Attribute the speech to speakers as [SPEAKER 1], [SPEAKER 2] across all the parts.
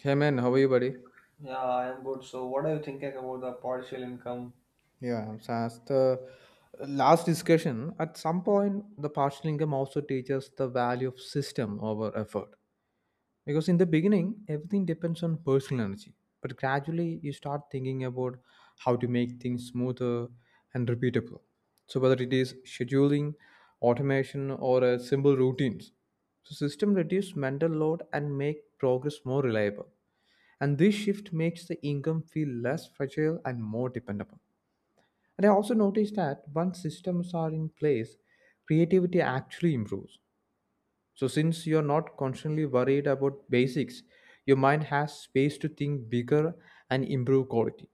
[SPEAKER 1] Hey man, how are you, buddy?
[SPEAKER 2] Yeah, I am good. So, what are you thinking about the partial income?
[SPEAKER 1] Yeah, so as the last discussion, at some point, the partial income also teaches the value of system over effort. Because in the beginning, everything depends on personal energy. But gradually, you start thinking about how to make things smoother and repeatable. So, whether it is scheduling, automation, or simple routines, so system reduce mental load and make progress more reliable. And this shift makes the income feel less fragile and more dependable. And I also noticed that once systems are in place, creativity actually improves. So, since you're not constantly worried about basics, your mind has space to think bigger and improve quality.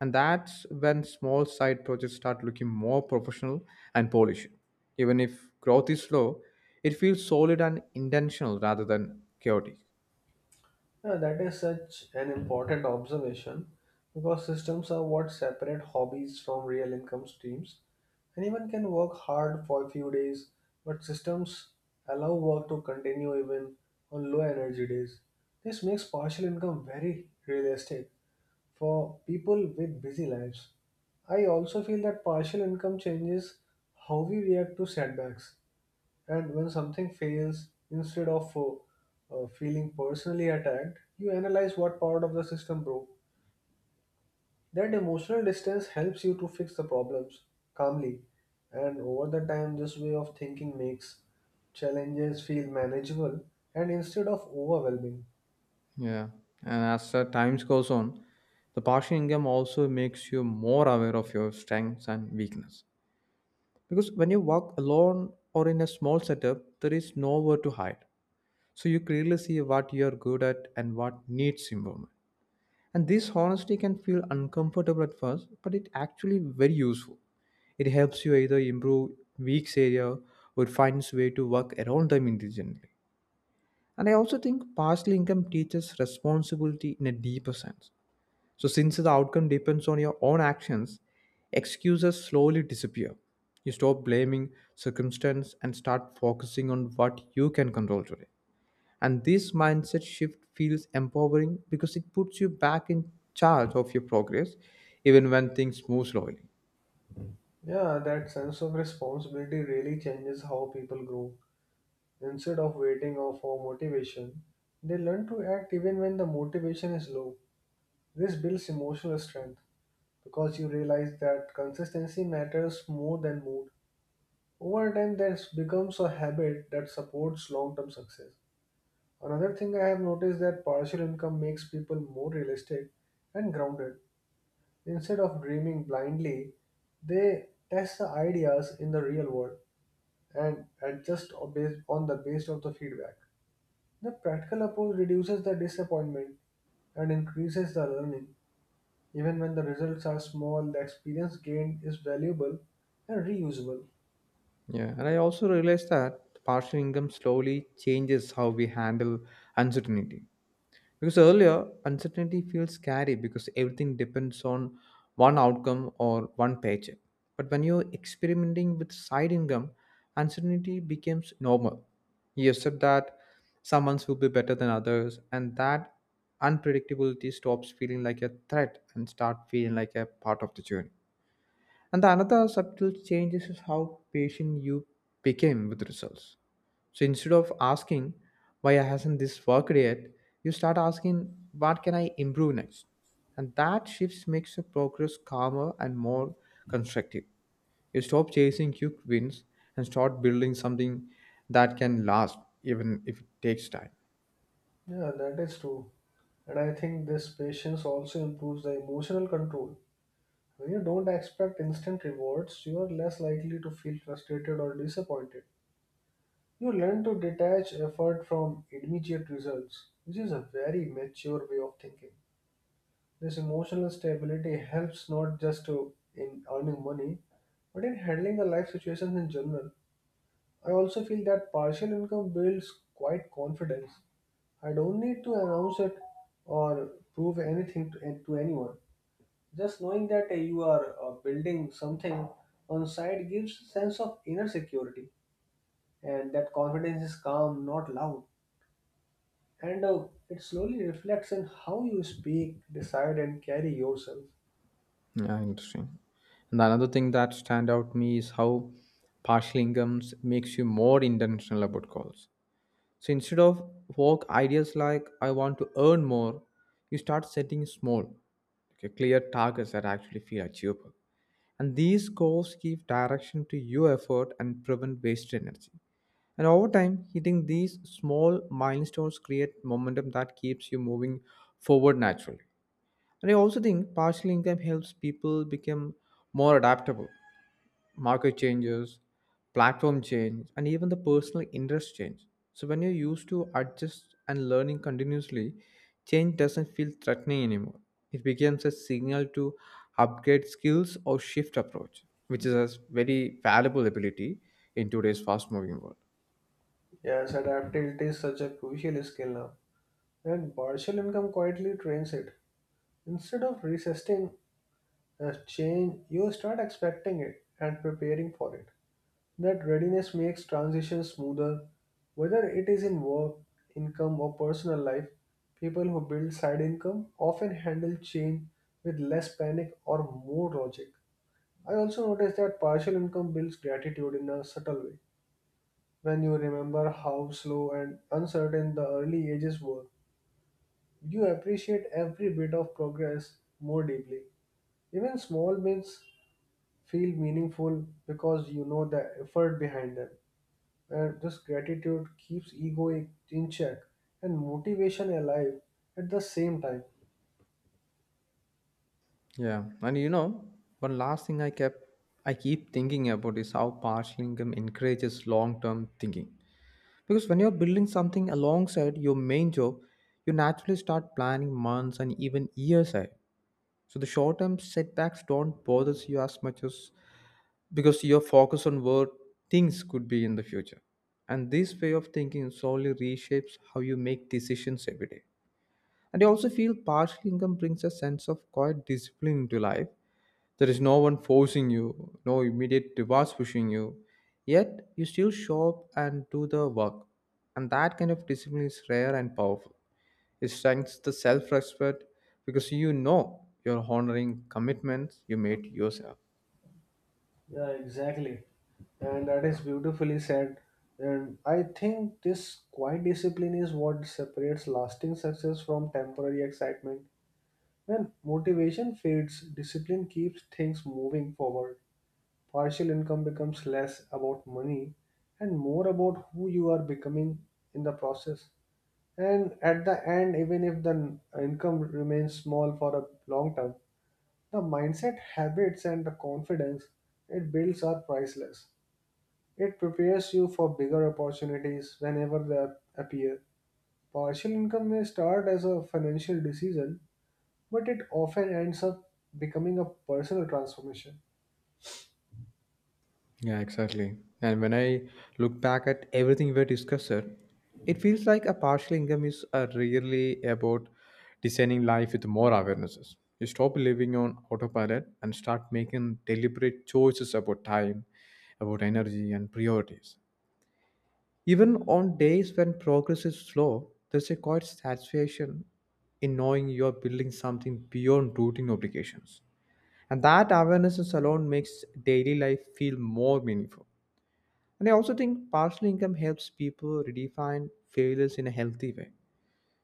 [SPEAKER 1] And that's when small side projects start looking more professional and polished. Even if growth is slow, it feels solid and intentional rather than chaotic.
[SPEAKER 2] Yeah, that is such an important observation because systems are what separate hobbies from real income streams. Anyone can work hard for a few days, but systems allow work to continue even on low energy days. This makes partial income very realistic for people with busy lives. I also feel that partial income changes how we react to setbacks. And when something fails, instead of feeling personally attacked, you analyze what part of the system broke. That emotional distance helps you to fix the problems calmly. And over the time, this way of thinking makes challenges feel manageable and instead of overwhelming.
[SPEAKER 1] Yeah, and as times goes on, the partial income also makes you more aware of your strengths and weakness. Because when you work alone or in a small setup, there is nowhere to hide. So you clearly see what you are good at and what needs improvement. And this honesty can feel uncomfortable at first, but it actually very useful. It helps you either improve weak area or finds way to work around them intelligently. And I also think partial income teaches responsibility in a deeper sense. So, since the outcome depends on your own actions, excuses slowly disappear. You stop blaming circumstance and start focusing on what you can control today. And this mindset shift feels empowering because it puts you back in charge of your progress, even when things move slowly.
[SPEAKER 2] Yeah, that sense of responsibility really changes how people grow. Instead of for motivation, they learn to act even when the motivation is low. This builds emotional strength because you realize that consistency matters more than mood. Over time, that becomes a habit that supports long-term success. Another thing I have noticed that partial income makes people more realistic and grounded. Instead of dreaming blindly, they test the ideas in the real world and based on the based of the feedback. The practical approach reduces the disappointment and increases the learning. Even when the results are small, the experience gained is valuable and reusable.
[SPEAKER 1] Yeah, and I also realized that partial income slowly changes how we handle uncertainty. Because earlier, uncertainty feels scary because everything depends on one outcome or one paycheck. But when you're experimenting with side income, uncertainty becomes normal. You accept that some months will be better than others, and that unpredictability stops feeling like a threat and start feeling like a part of the journey. And the another subtle change is how patient you became with results. So instead of asking why hasn't this worked yet, you start asking what can I improve next? And that shift makes the progress calmer and more constructive. You stop chasing quick wins and start building something that can last even if it takes time.
[SPEAKER 2] Yeah, that is true. And I think this patience also improves the emotional control. When you don't expect instant rewards, you are less likely to feel frustrated or disappointed. You learn to detach effort from immediate results, which is a very mature way of thinking. This emotional stability helps not just to in earning money, but in handling the life situations in general. I also feel that partial income builds quite confidence. I don't need to announce it or prove anything to anyone. Just knowing that you are building something on side gives sense of inner security, and that confidence is calm, not loud, and it slowly reflects in how you speak, decide, and carry yourself.
[SPEAKER 1] Yeah, interesting. And another thing that stand out to me is how partial incomes makes you more intentional about goals. So instead of vague ideas like I want to earn more, you start setting small, okay, clear targets that actually feel achievable. And these goals give direction to your effort and prevent wasted energy. And over time, hitting these small milestones create momentum that keeps you moving forward naturally. And I also think partial income helps people become more adaptable market changes, platform change, and even the personal interest change. So when you're used to adjust and learning continuously, change doesn't feel threatening anymore. It becomes a signal to upgrade skills or shift approach, which is a very valuable ability in today's fast-moving world.
[SPEAKER 2] Yes, adaptability is such a crucial skill now, and partial income quietly trains it. Instead of resisting as change, you start expecting it and preparing for it. That readiness makes transition smoother, whether it is in work, income, or personal life. People who build side income often handle change with less panic or more logic. I also noticed that partial income builds gratitude in a subtle way. When you remember how slow and uncertain the early ages were, you appreciate every bit of progress more deeply. Even small wins feel meaningful because you know the effort behind them. And this gratitude keeps ego in check and motivation alive at the same time.
[SPEAKER 1] Yeah, and you know, one last thing I kept I keep thinking about is how partial income encourages long-term thinking. Because when you're building something alongside your main job, you naturally start planning months and even years ahead. So the short term setbacks don't bother you as much as because you're focused on where things could be in the future. And this way of thinking slowly reshapes how you make decisions every day. And I also feel partial income brings a sense of quiet discipline into life. There is no one forcing you, no immediate rewards pushing you. Yet you still show up and do the work. And that kind of discipline is rare and powerful. It strengthens the self respect because you know you're honoring commitments you made to yourself.
[SPEAKER 2] Yeah, exactly. And that is beautifully said. And I think this quiet discipline is what separates lasting success from temporary excitement. When motivation fades, discipline keeps things moving forward. Partial income becomes less about money and more about who you are becoming in the process. And at the end, even if income remains small for a long term, the mindset, habits, and the confidence it builds are priceless. It prepares you for bigger opportunities whenever they appear. Partial income may start as a financial decision, but it often ends up becoming a personal transformation.
[SPEAKER 1] Yeah, exactly. And when I look back at everything we discussed, it feels like a partial income is really about designing life with more awarenesses. You stop living on autopilot and start making deliberate choices about time, about energy, and priorities. Even on days when progress is slow, there's a quiet satisfaction in knowing you're building something beyond routine obligations. And that awarenesses alone makes daily life feel more meaningful. And I also think partial income helps people redefine failures in a healthy way.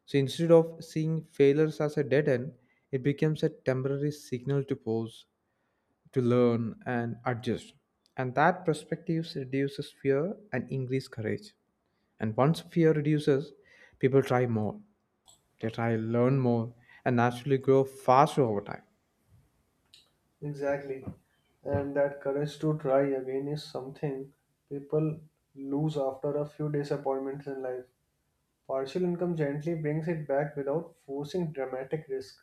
[SPEAKER 1] So instead of seeing failures as a dead end, it becomes a temporary signal to pause, to learn, and adjust. And that perspective reduces fear and increase courage. And once fear reduces, people try more, they try learn more, and naturally grow faster over time.
[SPEAKER 2] Exactly. And that courage to try again is something people lose after a few disappointments in life. Partial income gently brings it back without forcing dramatic risk.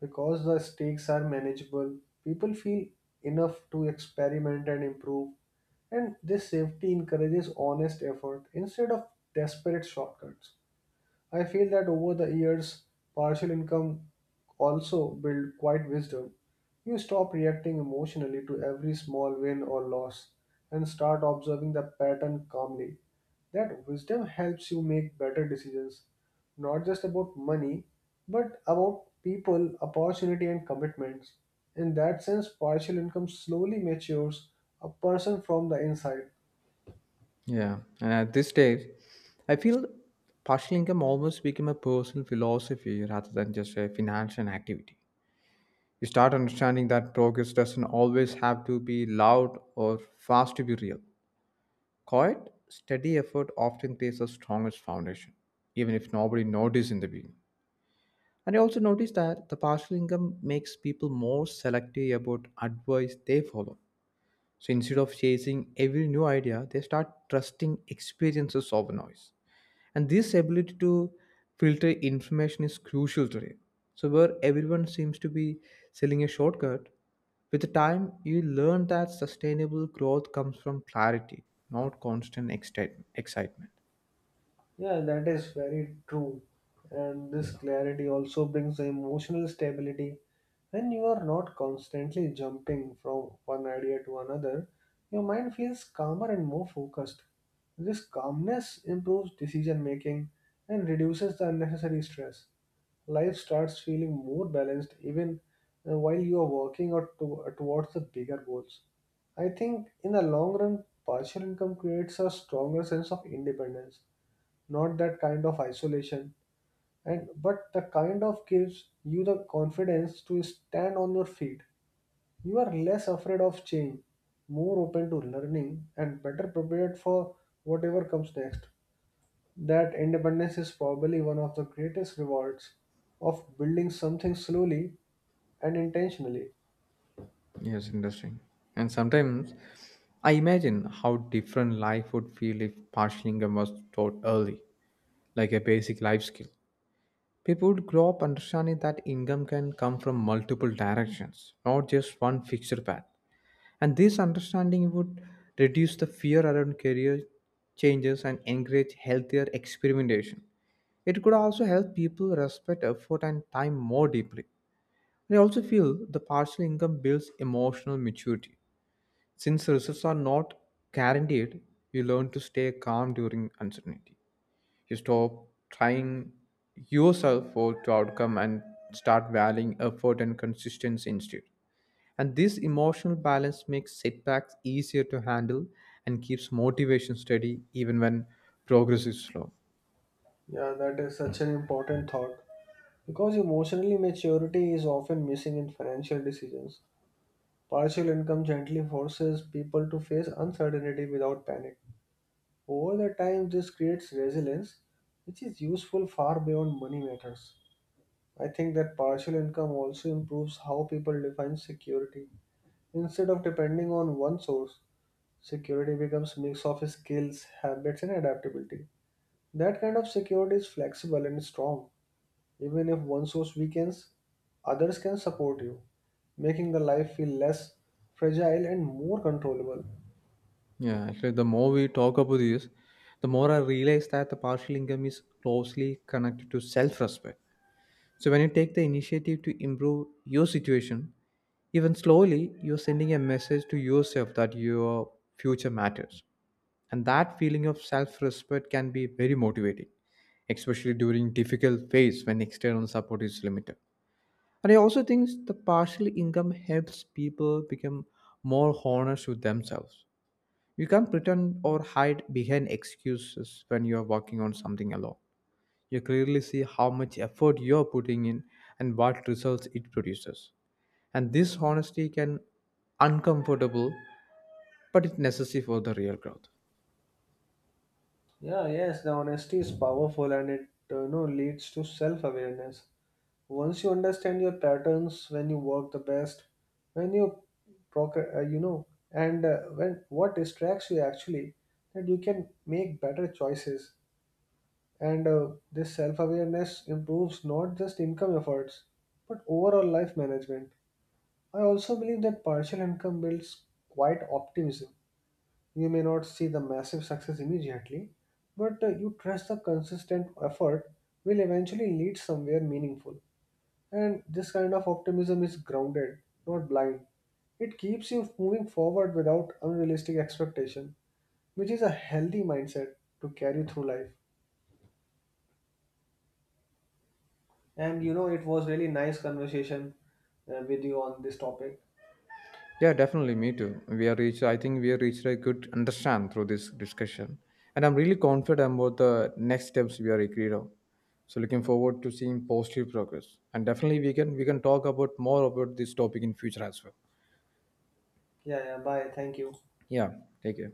[SPEAKER 2] Because the stakes are manageable, people feel enough to experiment and improve. And this safety encourages honest effort instead of desperate shortcuts. I feel that over the years, partial income also build quite wisdom. You stop reacting emotionally to every small win or loss and start observing the pattern calmly. That wisdom helps you make better decisions, not just about money, but about people, opportunity, and commitments. In that sense, partial income slowly matures a person from the inside.
[SPEAKER 1] Yeah, and at this stage, I feel partial income almost became a personal philosophy rather than just a financial activity. You start understanding that progress doesn't always have to be loud or fast to be real. Quiet, steady effort often creates the strongest foundation, even if nobody notices in the beginning. And I also noticed that the partial income makes people more selective about advice they follow. So instead of chasing every new idea, they start trusting experiences over noise. And this ability to filter information is crucial today. So, where everyone seems to be selling a shortcut, with the time you learn that sustainable growth comes from clarity, not constant excitement.
[SPEAKER 2] Yeah, that is very true. And this yeah clarity also brings emotional stability. When you are not constantly jumping from one idea to another, your mind feels calmer and more focused. This calmness improves decision making and reduces the unnecessary stress. Life starts feeling more balanced even while you are working or towards the bigger goals. I think in the long run, partial income creates a stronger sense of independence, not that kind of isolation, and but the kind of gives you the confidence to stand on your feet. You are less afraid of change, more open to learning and better prepared for whatever comes next. That independence is probably one of the greatest rewards of building something slowly and intentionally.
[SPEAKER 1] Yes, interesting. And sometimes I imagine how different life would feel if partial income was taught early, like a basic life skill. People would grow up understanding that income can come from multiple directions, not just one fixed path. And this understanding would reduce the fear around career changes and encourage healthier experimentation. It could also help people respect effort and time more deeply. I also feel the partial income builds emotional maturity. Since results are not guaranteed, you learn to stay calm during uncertainty. You stop trying yourself for the outcome and start valuing effort and consistency instead. And this emotional balance makes setbacks easier to handle and keeps motivation steady even when progress is slow.
[SPEAKER 2] Yeah, that is such an important thought because emotionally maturity is often missing in financial decisions. Partial income gently forces people to face uncertainty without panic. Over the time, this creates resilience, which is useful far beyond money matters. I think that partial income also improves how people define security. Instead of depending on one source, security becomes mix of skills, habits, and adaptability. That kind of security is flexible and strong. Even if one source weakens, others can support you, making the life feel less fragile and more controllable.
[SPEAKER 1] Yeah, actually, the more we talk about this, the more I realize that the partial income is closely connected to self respect. So, when you take the initiative to improve your situation, even slowly, you're sending a message to yourself that your future matters. And that feeling of self respect can be very motivating, especially during difficult phase when external support is limited. And I also think the partial income helps people become more honest with themselves. You can't pretend or hide behind excuses when you are working on something alone. You clearly see how much effort you are putting in and what results it produces. And this honesty can uncomfortable, but it's necessary for the real growth.
[SPEAKER 2] Yeah, yes, the honesty is powerful and it you know leads to self-awareness. Once you understand your patterns, when you work the best, when you proc you know, and when what distracts you actually, that you can make better choices. And this self-awareness improves not just income efforts, but overall life management. I also believe that partial income builds quite optimism. You may not see the massive success immediately, but you trust the consistent effort will eventually lead somewhere meaningful. And this kind of optimism is grounded, not blind. It keeps you moving forward without unrealistic expectation, which is a healthy mindset to carry through life. And you know, it was really nice conversation with you on this topic.
[SPEAKER 1] Yeah, definitely. Me too. We are reached. I think we are reached a good understand through this discussion, and I'm
[SPEAKER 2] Mhm.
[SPEAKER 1] really confident about the next steps we are agreed on. So looking forward to seeing positive progress, and definitely we can talk about more about this topic in future as well.
[SPEAKER 2] Yeah, yeah. Bye. Thank you.
[SPEAKER 1] Yeah, take care.